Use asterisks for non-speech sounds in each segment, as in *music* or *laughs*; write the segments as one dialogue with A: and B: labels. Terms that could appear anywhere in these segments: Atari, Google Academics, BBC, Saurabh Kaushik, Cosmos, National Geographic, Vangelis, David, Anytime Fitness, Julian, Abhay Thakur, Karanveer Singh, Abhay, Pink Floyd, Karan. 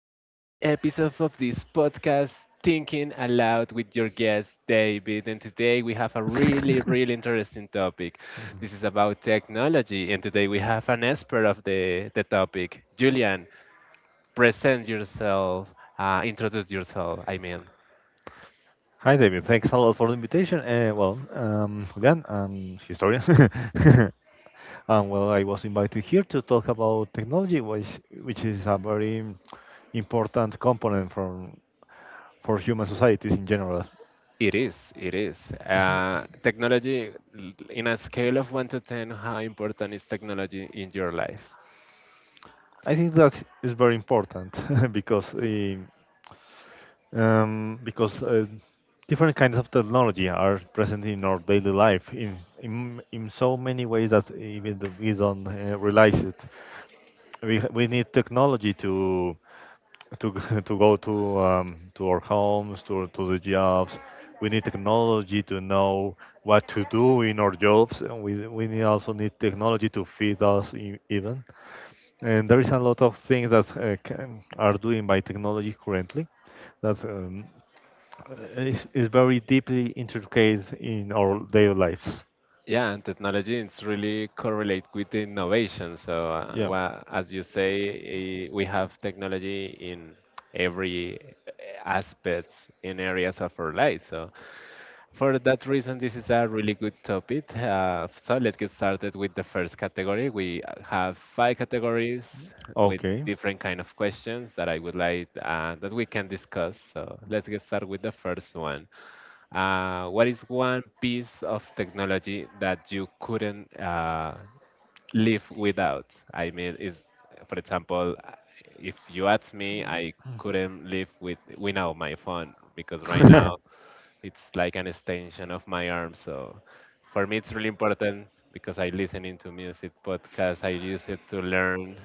A: today's episode of this podcast, Thinking Aloud with your guest David. And today we have a really, really interesting topic.
B: Mhm.
A: This is about technology, and today we have an expert of the topic. Julian, present yourself, introduce yourself. I mean,
B: Hi, David. Thanks a lot for the invitation. Julian, I'm historian. *laughs* and Well, I was invited here to talk about technology, which is a very important component from for human societies in general.
A: it is, it is. Technology, in a scale of 1 to 10, how important is technology in your life?
B: I think that is very important *laughs* because eh, because different kinds of technology are present in our daily life in so many ways that we don't realize it. We need technology to *laughs* to go to our homes, to the jobs. We need technology to know what to do in our jobs, and we need also need technology to feed us even. And there is a lot of things that are doing by technology currently that is very deeply intricate in our daily lives.
A: Yeah, and technology is really correlate with innovation. So,
B: Yeah.
A: well, as you say, we have technology in every eh, aspects in areas of our life. So, for that reason, this is a really good topic. So, let's get started with the first category. We have five categories with
B: Okay.
A: different kind of questions that I would like that we can discuss. So, let's get started with the first one. What is one piece of technology that you couldn't live without? I mean, is for example, if you ask me, I couldn't live without my phone because right now
B: *laughs*
A: it's like an extension of my arm. So for me, it's really important because I listen into music podcasts. I use it to learn.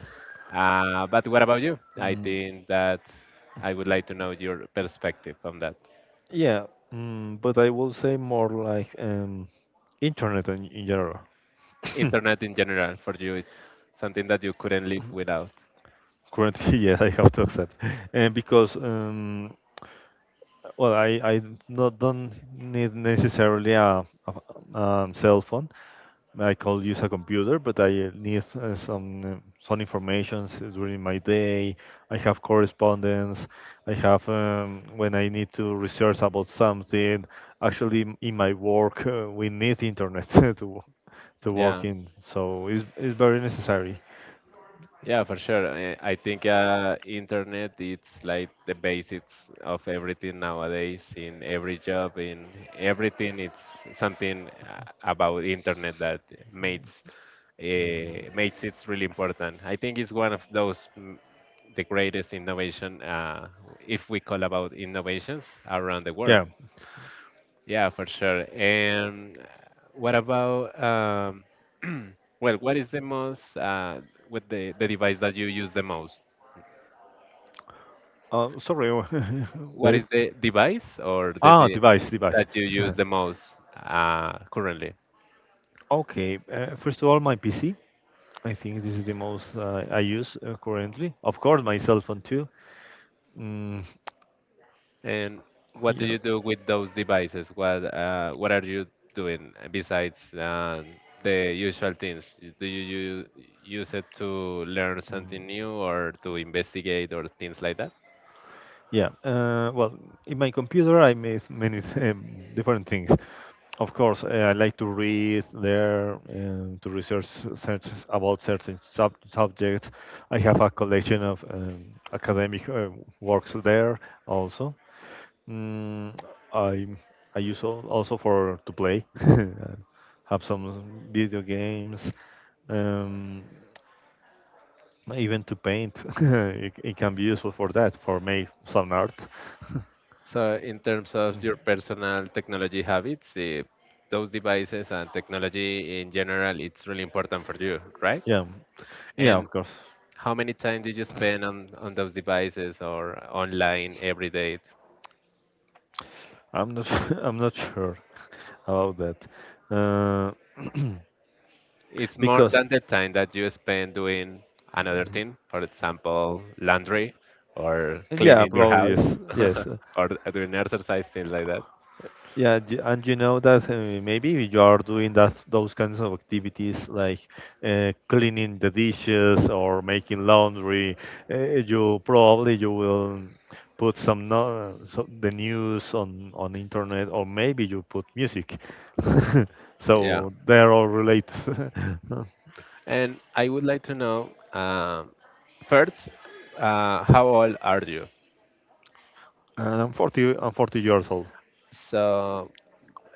A: But what about you? I
B: Mm,
A: think that I would like to know your perspective on that.
B: Yeah, but I will say more like internet in general. *coughs*
A: Internet in general for you is something that you couldn't live
B: Mhm.
A: without.
B: Currently, *laughs* yes, I have to accept, and because I not don't need necessarily a cell phone. I could use a computer, but I need some information during my day. I have correspondence. I have, when I need to research about something. Actually, in my work, we need internet *laughs* to wo- to work
A: Yeah,
B: in, so it's very necessary.
A: yeah, for sure. I think internet it's like the basics of everything nowadays. In every job, in everything, it's something about internet that makes uh, makes it really important. I think it's one of those the greatest innovation, if we call about innovations around the world.
B: Yeah.
A: Yeah, for sure. And what about *clears throat* well, what is the most with the device that you use the most?
B: Sorry, *laughs*
A: What
B: there.
A: is the device or the
B: Ah,
A: de
B: device.
A: that you
B: *laughs*
A: use the most currently?
B: Okay, first of all, my PC. I think this is the most I use currently. Of course, my cell phone too. Mm,
A: And what do
B: yeah.
A: you do with those devices? What are you doing besides the usual things? Do you use it to learn
B: Mm,
A: something new or to investigate or things like that?
B: Yeah. Uh, well, in my computer, I make many different things. Of course, I like to read there and to research search about certain subjects. I have a collection of academic works there also. Mm, I I use also for to play. *laughs* Have some video games. Um, Even to paint, *laughs* it can be useful for that, for make some art. *laughs*
A: So, in terms of your
B: Mhm.
A: personal technology habits, those devices and technology in general, it's really important for you, right?
B: Yeah, yeah,
A: And
B: of course.
A: how many time did you spend on those devices or online every day?
B: I'm not, *laughs* I'm not sure *laughs* about that, uh, *clears throat*
A: It's more
B: because
A: than the time that you spend doing another thing, for example, laundry or
B: *coughs* yeah,
A: cleaning your
B: probably
A: house
B: yes,
A: *laughs*
B: yes.
A: or doing exercise, things like that.
B: Yeah, and you know that maybe you are doing that those kinds of activities like cleaning the dishes or making laundry. Uh, you probably you will put some no so the news on internet, or maybe you put music. *laughs*
A: Yeah.
B: So they are all related. *laughs*
A: And I would like to know, first, how old are you?
B: And I'm 40, I'm 40 years old.
A: So,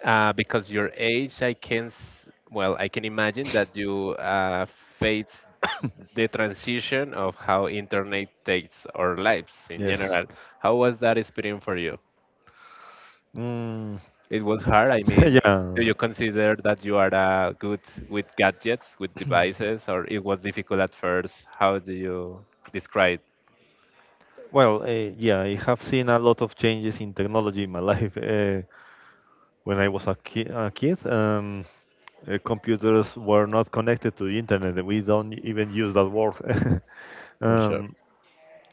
A: because your age, well, I can imagine that you face the transition of how internet takes our lives in
B: Yes.
A: general. How was that experience for you?
B: Mm.
A: It was hard. I
B: *laughs*
A: mean, do
B: Yeah.
A: you consider that you are good with gadgets, with devices, or it was
B: *clears throat*
A: difficult at first? How
B: *coughs*
A: do you describe?
B: Well, yeah, I have seen a lot of changes in technology in my *laughs* life. When I was a kid, computers were not connected to the internet. We don't even use that word. *laughs*
A: For sure.
B: um,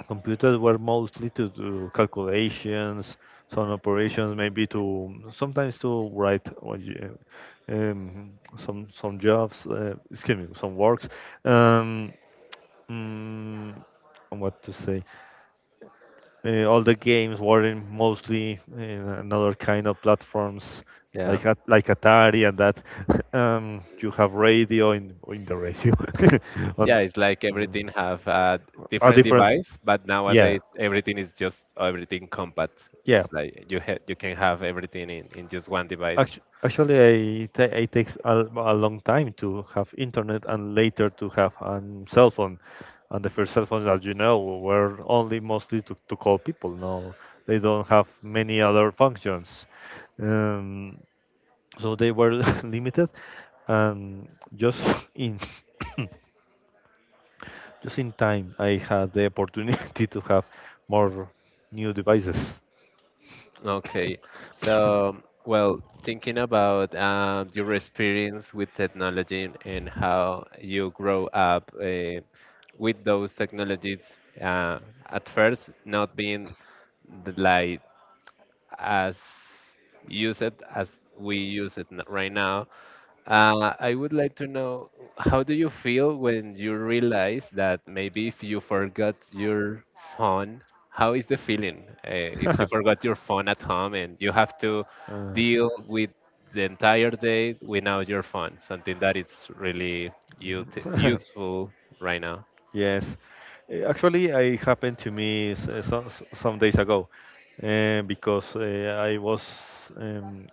B: Computers were mostly to do calculations, some operations, maybe to sometimes to write some jobs, excuse me, some works. Um, mm, what to say? All the games were in mostly in another kind of platforms
A: Yeah.
B: like like Atari and that. *laughs* You have radio in the radio. *laughs* on
A: Yeah, it's like
B: mm,
A: everything have a
B: a
A: different
B: different
A: device, but
B: Yeah,
A: nowadays everything is just everything compact.
B: yeah.
A: It's like you can have everything in just one device.
B: Actually, it takes a long time to have internet and later to have a cell phone, and the first cell phones, as you know, were only mostly to call people, no? They don't have many other functions. um, so they were *laughs* limited, and just *laughs* in *coughs* just in time I had the opportunity to have more new devices.
A: Okay, so well, thinking about your experience with technology and how you grow up with those technologies, uh, at first not being the, like as use it as we use it right now. I would like to know how do you feel when you realize that maybe if you forgot your phone, how is the feeling if you
B: *laughs*
A: forgot your phone at home and you have to
B: Uh,
A: deal with the entire day without your phone, something that it's really
B: mhm.
A: useful right now.
B: *laughs* Yes. Actually it happened to me some days ago, because I was, um,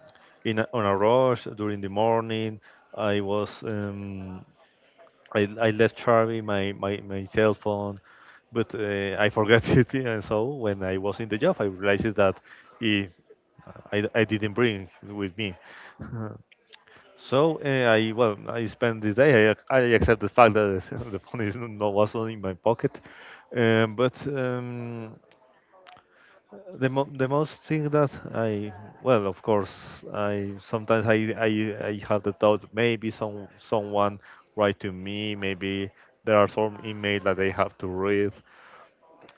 B: in a, on a rush during the morning. I was, I left Charlie my, my cell phone, but I forgot *laughs* it. And so when I was in the job, I realized that, eh, I didn't bring with me. *laughs* So I, well, I spent the day. I accept the fact that *laughs* the phone is not was not in my pocket, um, but um, the most thing that I, well, of course, I sometimes I have the thought maybe someone write to me, maybe there are some email that they have to read.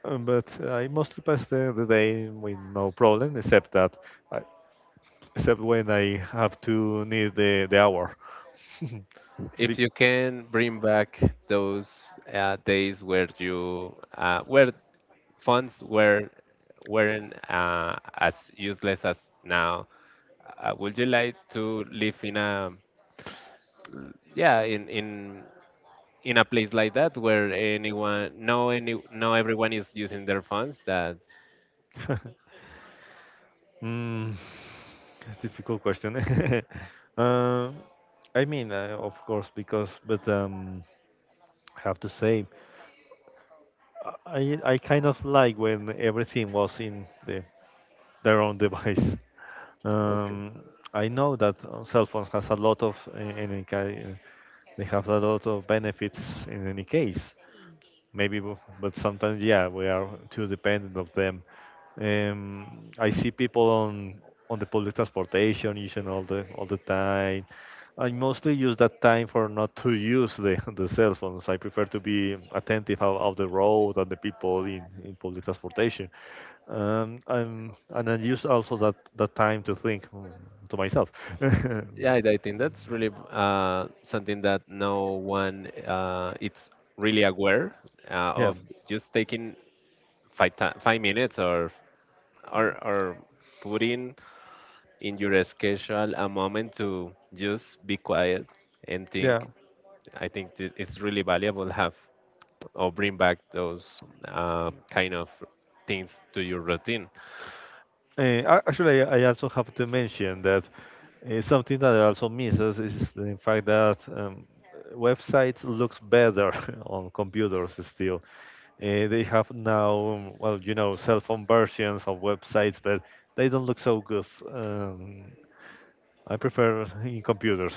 B: But I mostly pass the day with no problem, except that I, except when I have to need the hour. *laughs*
A: If
B: Be-
A: you can bring back those days where you where phones weren't as useless as now. Would you like to live in a yeah in a place like that where anyone no any no everyone is using their phones that.
B: *laughs* Mm, difficult question. *laughs* Um, I mean, of course, because, but, I have to say. I kind of like when everything was in the their own device. *laughs*
A: Okay,
B: Um, I know that cell phones has a lot of, uh, they have a lot of benefits in any case, maybe but sometimes, yeah, we are too dependent of them. um, I see people on the public transportation using all the time. I mostly use that time for not to use the, *laughs* the cell phones. I prefer to be attentive of the road and the people in public transportation. And I use also that time to think, to myself. *laughs*
A: yeah, I think that's really something that no one it's really aware
B: Yeah,
A: of just taking 5 minutes or putting in your schedule a moment to just be quiet and
B: yeah.
A: think. I think it's really valuable have or bring back those kind of things to your routine.
B: Actually, I also have to mention that something that also misses is the fact that, websites looks better *laughs* on computers still. They have now, well, you know, cell phone versions of websites, but they don't look so good. Um, I prefer in computers.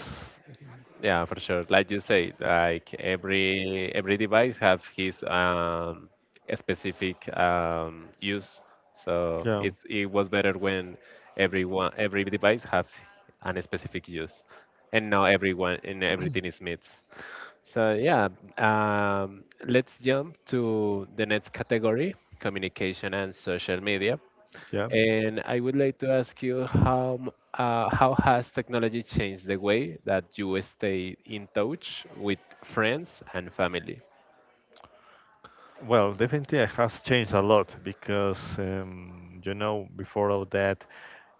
A: Yeah, for sure. Like you say, like every device have his specific use. So
B: Yeah.
A: it was better when everyone every device have an specific use, and now everyone and everything is mixed. So yeah, let's jump to the next category: communication and social media.
B: Yeah.
A: And I would like to ask you how has technology changed the way that you stay in touch with friends and family?
B: Well, definitely it has changed a lot because, you know, before all that,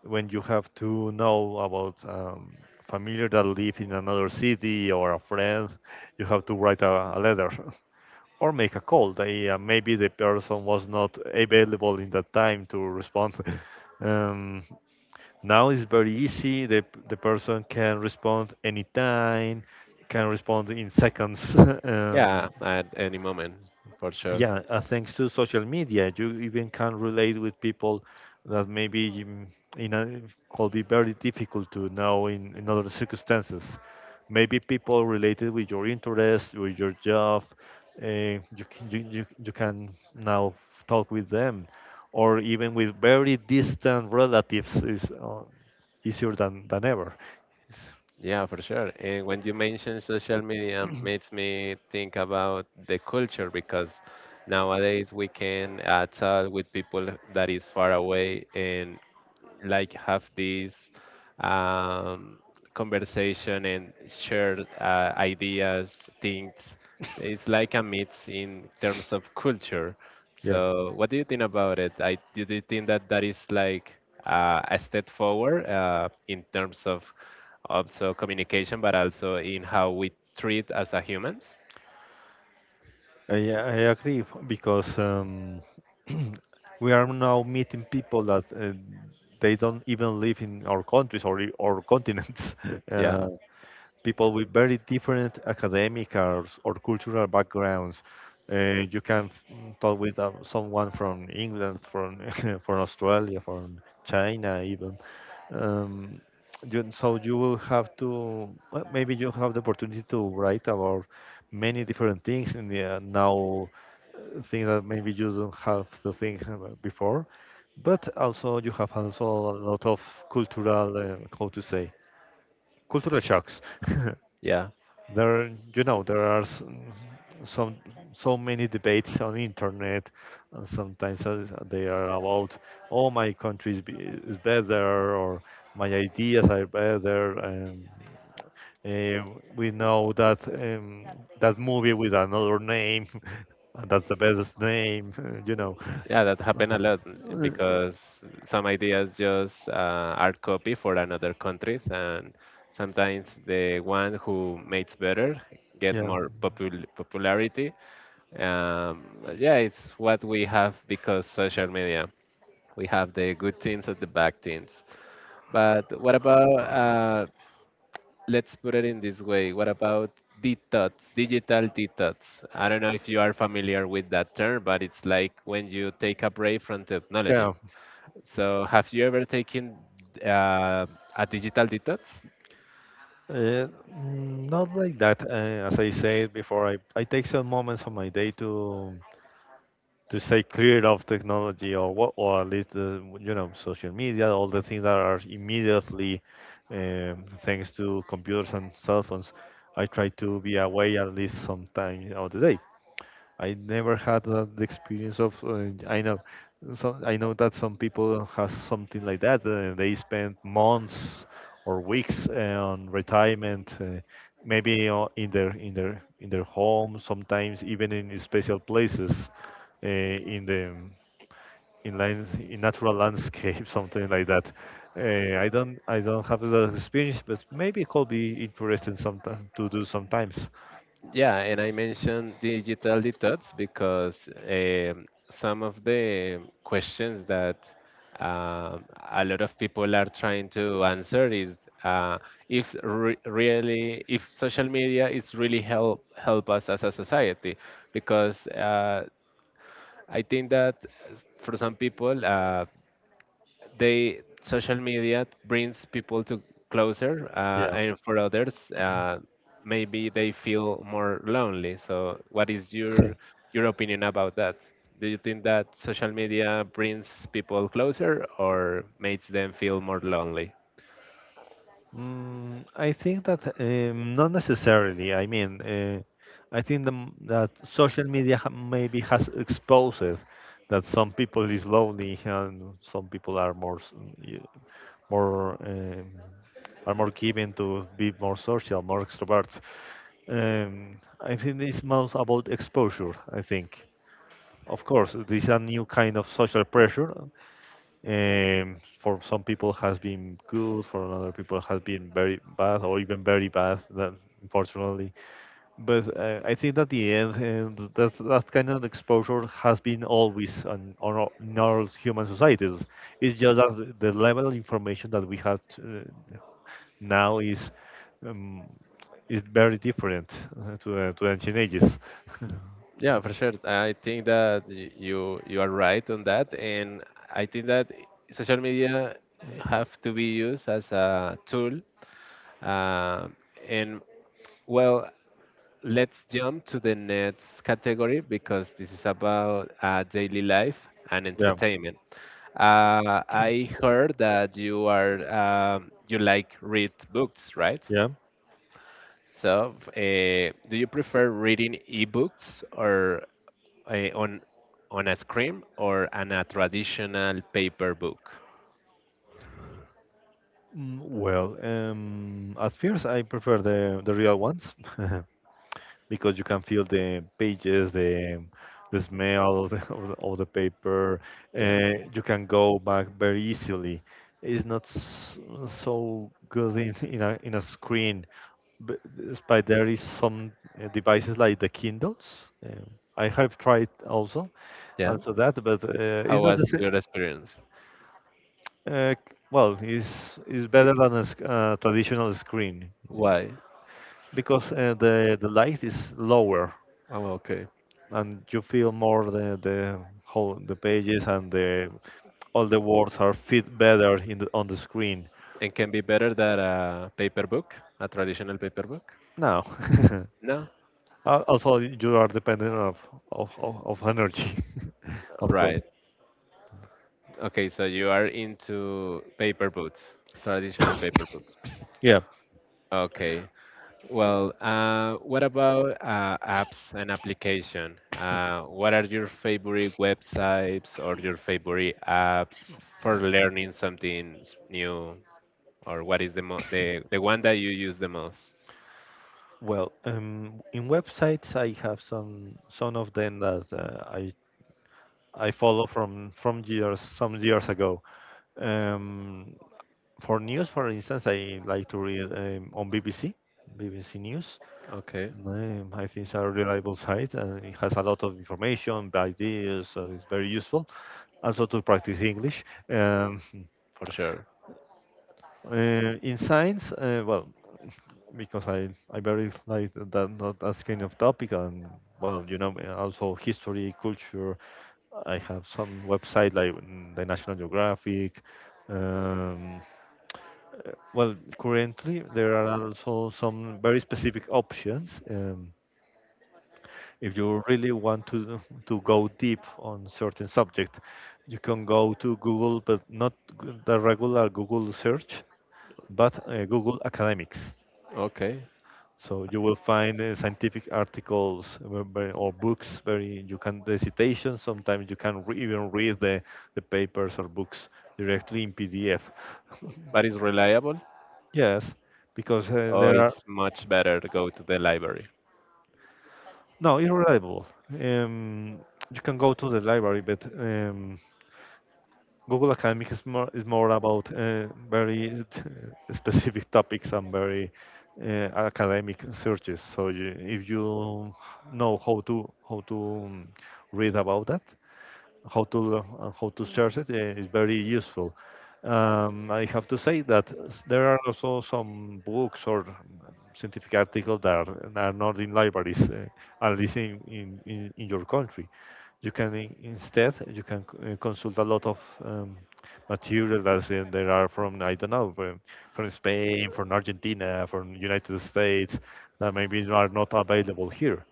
B: when you have to know about, familiar that live in another city or a friend, you have to write a letter *laughs* or make a call. They, maybe the person was not available in that time to respond. *laughs* Um, now it's very easy. The person can respond anytime, can respond in seconds. *laughs* Yeah.
A: Yeah, at any moment, for sure.
B: Yeah, thanks to social media you even can relate with people that maybe, you know, could be very difficult to know in other circumstances. Maybe people related with your interests, with your job, you can now talk with them, or even with very distant relatives is easier than ever. It's-
A: Yeah, for sure. And when you mention social media, makes me think about the culture because nowadays we can talk with people that is far away and like have this um, conversation and share ideas, things. It's like a mix in terms of culture.
B: yeah,
A: So, what do you think about it? Do you think that that is like a step forward in terms of also communication, but also in how we treat as a humans?
B: I agree because, *clears throat* we are now meeting people that, they don't even live in our countries or or continents. *laughs* Uh,
A: Yeah,
B: people with very different academic or cultural backgrounds. You can, talk with, someone from England, from *laughs* from Australia, from China, even. Um, you, so you will have to, well, maybe you have the opportunity to write about many different things in the, now, things that maybe you don't have to think about before, but also you have also a lot of cultural, how to say, cultural shocks. *laughs*
A: yeah.
B: There, you know, there are s- some so many debates on internet, and sometimes, they are about, oh, my country is, is better, or my ideas are better. Eh, we know that, that movie with another name, *laughs* and that's the best name, *laughs* you know.
A: Yeah, that happened a lot
B: Uh,
A: because some ideas just are copy for another countries, and sometimes the one who makes better get
B: Yeah,
A: more popularity. But yeah, it's what we have because social media. We have the good things and the bad things. But what about let's put it in this way. What about detox, digital detox? I don't know if you are familiar with that term, but it's like when you take a break from technology.
B: yeah.
A: So, have you ever taken uh, a digital detox?
B: Mm, not like that. As I said before, I take some moments of my day to stay clear of technology, or what, or at least the, you know, social media, all the things that are immediately, thanks to computers and cell phones. I try to be away at least some time of the day. I never had that experience of. I know, so I know that some people has something like that. They spend months or weeks, on retirement, maybe, in their home. Sometimes even in special places, in the in lands in natural landscape, *laughs* something like that. I don't have that experience, but maybe it could be interesting sometimes to do sometimes.
A: Yeah, and I mentioned digital detox because some of the questions that um, a lot of people are trying to answer is uh, if re really if social media is really help us as a society, because I think that for some people, they social media brings people to closer
B: Yeah.
A: and for others maybe they feel more lonely. So what is your
B: *laughs*
A: your opinion about that? Do you think that social media brings people closer or makes them feel more lonely?
B: Mm, I think that, not necessarily. I mean, I think that social media ha maybe has exposed that some people is lonely and some people are more y- more, are more given to be more social, more extroverts. I think it's most about exposure, I think. Of course, this is a new kind of social pressure, for some people has been good, for other people has been very bad or even very bad. That unfortunately, but, I think that the end, that that kind of exposure has been always on, in all human societies. It's just that the level of information that we have to, now is, um, is very different, to the ancient ages. *laughs*
A: Yeah, for sure. I think that you are right on that, and I think that social media have to be used as a tool, uh, and well. Let's jump to the next category because this is about daily life and
B: Yeah.
A: entertainment. I heard that you are you like read books, right?
B: Yeah.
A: So, do you prefer reading ebooks or uh, on on a screen or on a traditional paper book?
B: At first I prefer the real ones *laughs* because you can feel the pages, the smell of the, *laughs* of the paper.
A: Yeah,
B: You can go back very easily. It's not s- so good in a screen, but despite there is some devices like the Kindles. I have tried also,
A: yeah.
B: and so that, but
A: How
B: it's not the
A: was
B: same.
A: your experience?
B: Uh, well, is is
A: Y-
B: better than a traditional screen uh,
A: Why?
B: because the light is lower,
A: Oh, okay.
B: and you feel more the whole the pages, and the all the words are fit better in on the screen.
A: And can be better than a paper book, a traditional paper book?
B: No. *laughs*
A: No?
B: Al- also you are dependent of of energy, *laughs* of course.
A: Right. Okay, so you are into paper books, traditional paper books.
B: Yeah.
A: Okay. Well, what about apps and application? What are your favorite websites or your favorite apps for learning something new? Or what is the one that you use the most?
B: In websites I have some of them that I follow from years some years ago. Um, for news, for instance, I like to read on BBC, BBC News.
A: Okay,
B: I think it's a reliable site, and it has a lot of information, ideas, so it's very useful. Also to practice English.
A: for sure.
B: In science, well, because I very like that, not that kind of topic, and well, you know, also history, culture. I have some website like the National Geographic. Um, well, currently there are also some very specific options. If you really want to go deep on certain subject, you can go to Google, but not the regular Google search, but Google Academics.
A: Okay,
B: So you will find scientific articles or books. Very you can the citations. Sometimes you can re even read the papers or books directly in PDF. *laughs*
A: but it's reliable.
B: Yes, because
A: Oh,
B: there are
A: it's much better to go to the library.
B: no it's reliable. You can go to the library, but Google Academic is more about very specific topics and very academic searches. So you, if you know how to um, read about that, how to search it, is very useful. I have to say that there are also some books or scientific articles that are not in libraries, at least in your country. You can instead you can consult a lot of um, material that there are from, I don't know, from Spain, from Argentina, from United States, that maybe are not available here.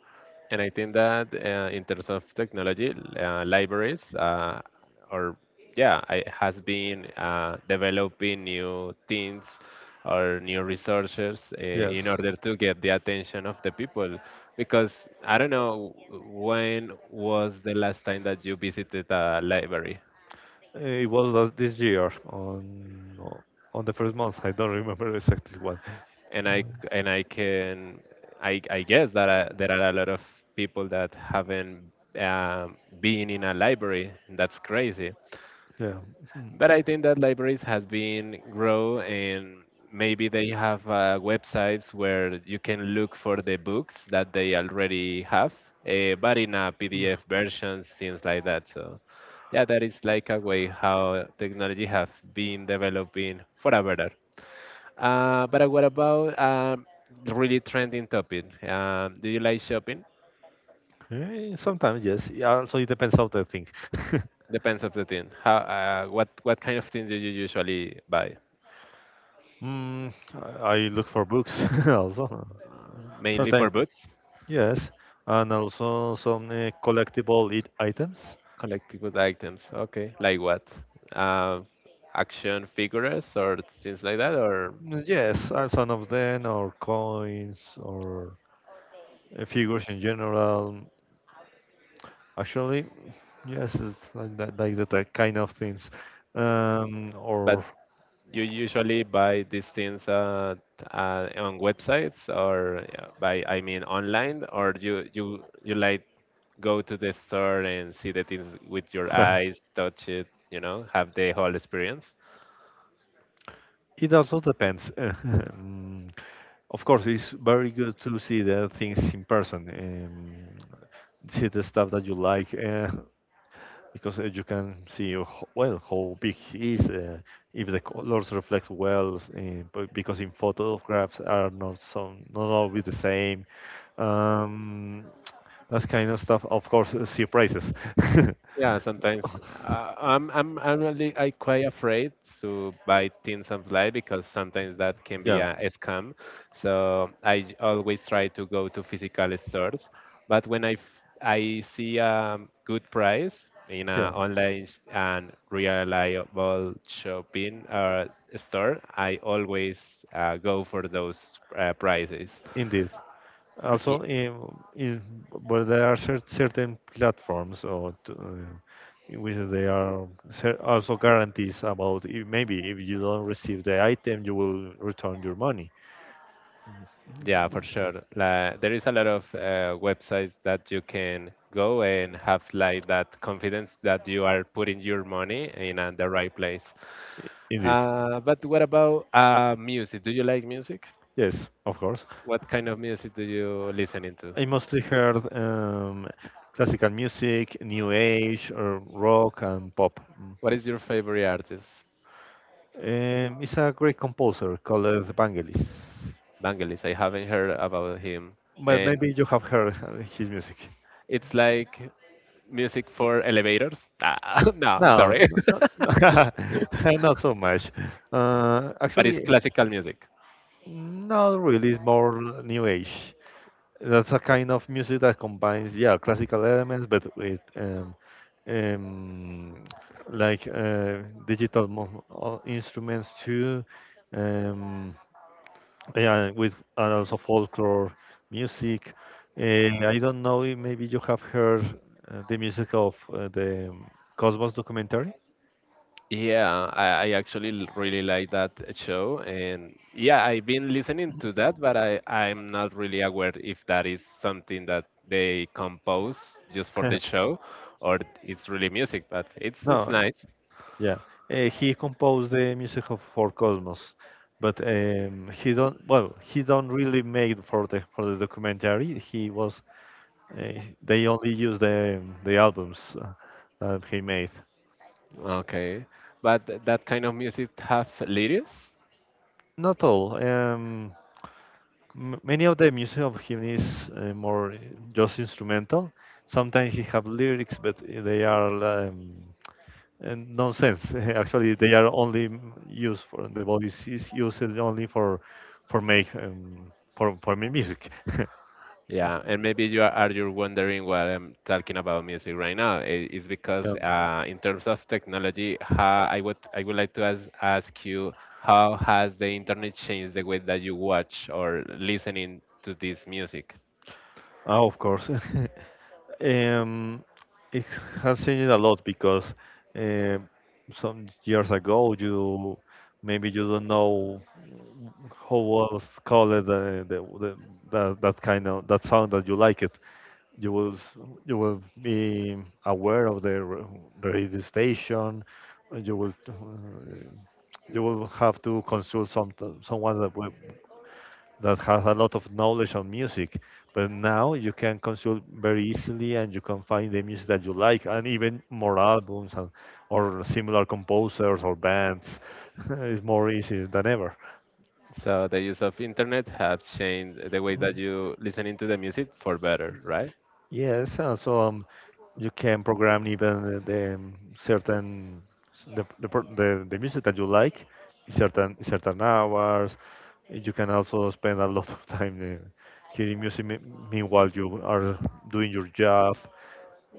A: And I think that in terms of technology, libraries or yeah, I has been developing new things or new resources
B: Yes.
A: in order to get the attention of the people. Because I don't know when was the last time that you visited a library.
B: It was last, this year on the first month. *laughs* I don't remember exactly what.
A: And and I can I guess that there are a lot of people that haven't been in a library. That's crazy.
B: Yeah.
A: But I think that libraries has been grow, and maybe they have websites where you can look for the books that they already have, but in a
B: Mm.
A: PDF versions, things like that. So yeah, that is like a way how technology have been developing for a better. But what about really trending topic? Do you like shopping?
B: Sometimes yes. Yeah, also it depends how they think. *laughs*
A: Depends of the thing. How? What? What kind of things do you usually buy?
B: mm, I look for books *laughs* also.
A: Mainly for
B: Sometimes
A: boots,
B: yes, and also some collectible it items.
A: collectible items. Okay, like what? Uh, Action figures or things like that, or
B: Yes, and some of them, or coins, or figures in general. Actually, yes, it's like that kind of things. Um,
A: but.
B: or
A: You usually buy these things on websites or yeah, by I mean online, or you like go to the store and see the things with your eyes,
B: *laughs*
A: touch it, have the whole experience.
B: it also depends. *laughs* Of course, it's very good to see the things in person, see the stuff that you like, because you can see, well, how big he is, if the colors reflect well, but because in photographs are not so, not always the same. Um, that kind of stuff. Of course, surprises. *laughs*
A: Yeah, sometimes I'm really I quite afraid to buy things online because sometimes that can be
B: Yeah,
A: a scam. So I always try to go to physical stores, but when I see a good price in
B: yeah,
A: an online and reliable shopping store, I always go for those prices.
B: indeed. Also, but there are certain platforms or in which they are also guarantees about, if maybe if you don't receive the item, you will return your money.
A: Yeah, for sure. Like, there is a lot of websites that you can go and have like that confidence that you are putting your money in the right place.
B: Indeed,
A: But what about music? Do you like music?
B: yes, of course.
A: What kind of music do you listen into?
B: I mostly heard classical music, new age, or rock and pop. Mm.
A: What is your favorite artist?
B: It's a great composer called Vangelis,
A: Vangelis. I haven't heard about him,
B: but
A: and
B: maybe you have heard his music.
A: it's like music for elevators. *laughs* No,
B: No,
A: sorry,
B: not, not, *laughs*
A: *laughs*
B: not so much.
A: but
B: Actually,
A: it's classical music.
B: not really. It's more new age. That's a kind of music that combines, yeah, classical elements, but with um, like digital instruments too. Um, yeah, with and also folklore music. I don't know if maybe you have heard the music of the Cosmos documentary.
A: Yeah, I actually really like that show, and yeah, I've been listening to that, but I'm not really aware if that is something that they compose just for the
B: *laughs*
A: show, or it's really music. But it's
B: No,
A: nice.
B: yeah. He composed the music of for Cosmos, but he don't. Well, he don't really make for the documentary. He was. They only use the albums that he made.
A: Okay, but that kind of music have lyrics?
B: Not all. M many of the music of him is more just instrumental. Sometimes he have lyrics, but they are and nonsense. *laughs* Actually, they are only used for the voice is used only for make for me music. *laughs*
A: Yeah, and maybe are you wondering why I'm talking about music right now? It's because
B: Um,
A: in terms of technology, how I would like to ask you how has the internet changed the way that you watch or listening to this music?
B: of course. *laughs* um, it has changed a lot because uh, some years ago you, maybe you don't know how was called the that, that kind of that sound that you like it, you you will be aware of the radio station. You you will have to consult some someone that will, that has a lot of knowledge on music. But now you can consult very easily, and you can find the music that you like, and even more albums and, or similar composers or bands. *laughs* It's more easy than ever.
A: So the use of internet have changed the way that you listening to the music for better, right?
B: Yes, so you can program even the certain the music that you like in certain hours. You can also spend a *laughs* lot of time uh, hearing music meanwhile you are doing your job.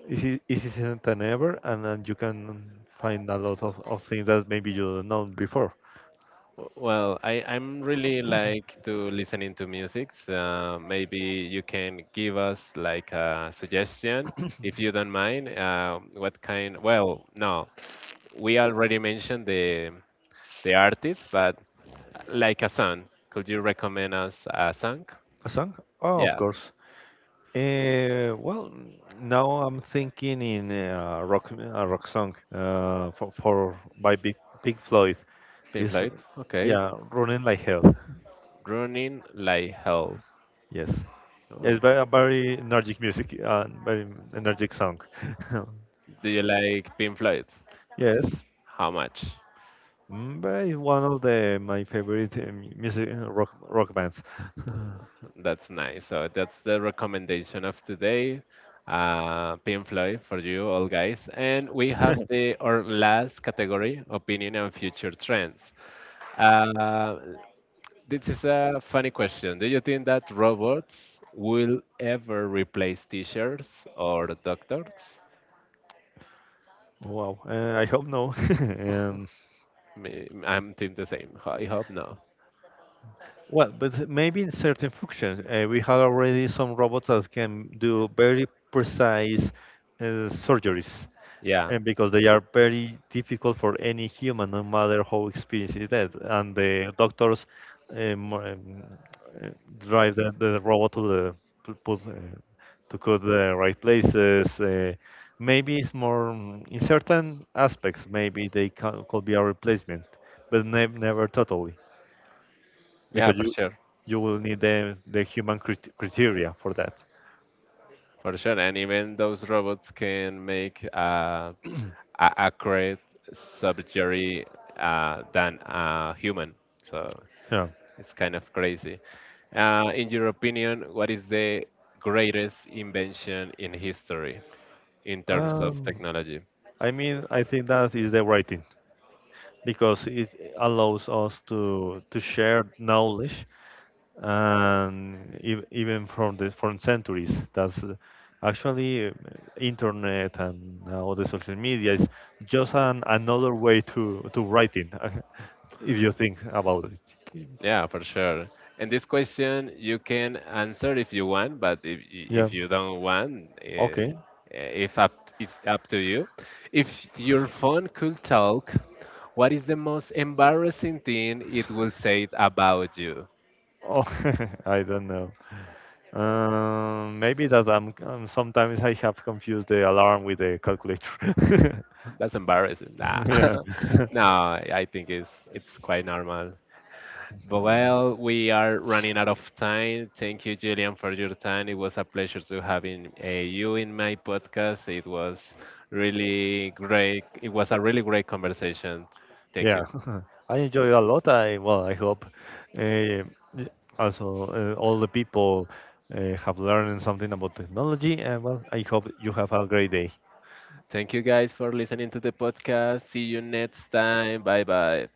B: It is it isn't than ever, and then you can find a lot of things that maybe you don't know before.
A: Well, I'm really like to listening to music. Maybe you can give us like a suggestion if you don't mind. What kind? Well, no, we already mentioned the artists, but like a song. Could you recommend us a song?
B: A song? Oh, of
A: Yeah,
B: course. Well, now I'm thinking in a rock song, for by Big Pink Floyd.
A: Pink
B: Is
A: Floyd. Okay,
B: yeah, running like hell.
A: Running Like Hell.
B: Yes. Yeah,
A: Oh,
B: it's very, a very energetic music, very energetic song. *laughs*
A: do you like Pink Floyd?
B: Yes.
A: How much?
B: But it's one of the my favorite music, rock bands.
A: That's nice. So that's the recommendation of today. Pink Floyd for you all guys. And we have
B: *laughs*
A: the our last category, opinion and future trends. Uh, this is a funny question. Do you think that robots will ever replace teachers or doctors?
B: Wow, I hope no. *laughs* Um,
A: I'm think the same. I hope no.
B: well, but maybe in certain functions, we have already some robots that can do very precise surgeries.
A: Yeah.
B: And because they are very difficult for any human, no matter how experienced is that. And the doctors um, um, uh, drive the robot to the to put, to cut the right places. Maybe it's more in certain aspects. Maybe they can, could be a replacement, but never totally,
A: Yeah,
B: because
A: for
B: you
A: sure.
B: you will need the human criteria for that.
A: For sure, and even those robots can make a accurate surgery than a human. So
B: Yeah.
A: it's kind of crazy. In your opinion, what is the greatest invention in history in terms of
B: Um,
A: technology?
B: I think that is the writing. Because it allows us to share knowledge and even from the from centuries. That's actually internet and all the social media is just an another way to writing, *laughs* if you think about it.
A: Yeah, for sure. And this question you can answer if you want, but if
B: Yeah,
A: if you don't want,
B: okay.
A: if up it's up to you. If your phone could talk, what is the most embarrassing thing it will say about you?
B: Oh, *laughs* I don't know. Um maybe that I'm, sometimes I have confused the alarm with the calculator.
A: *laughs* That's embarrassing. Nah. *laughs* No,
B: *laughs*
A: I think it's quite normal.
B: Yeah. *laughs*
A: Well, we are running out of time. Thank you, Julian, for your time. It was a pleasure to having you in my podcast. It was really great. It was a really great conversation. Thank
B: Yeah,
A: you.
B: *laughs* I enjoy a lot. I, well, I hope uh, also all the people have learned something about technology. And well, I hope you have a great day.
A: Thank you guys for listening to the podcast. See you next time. Bye bye.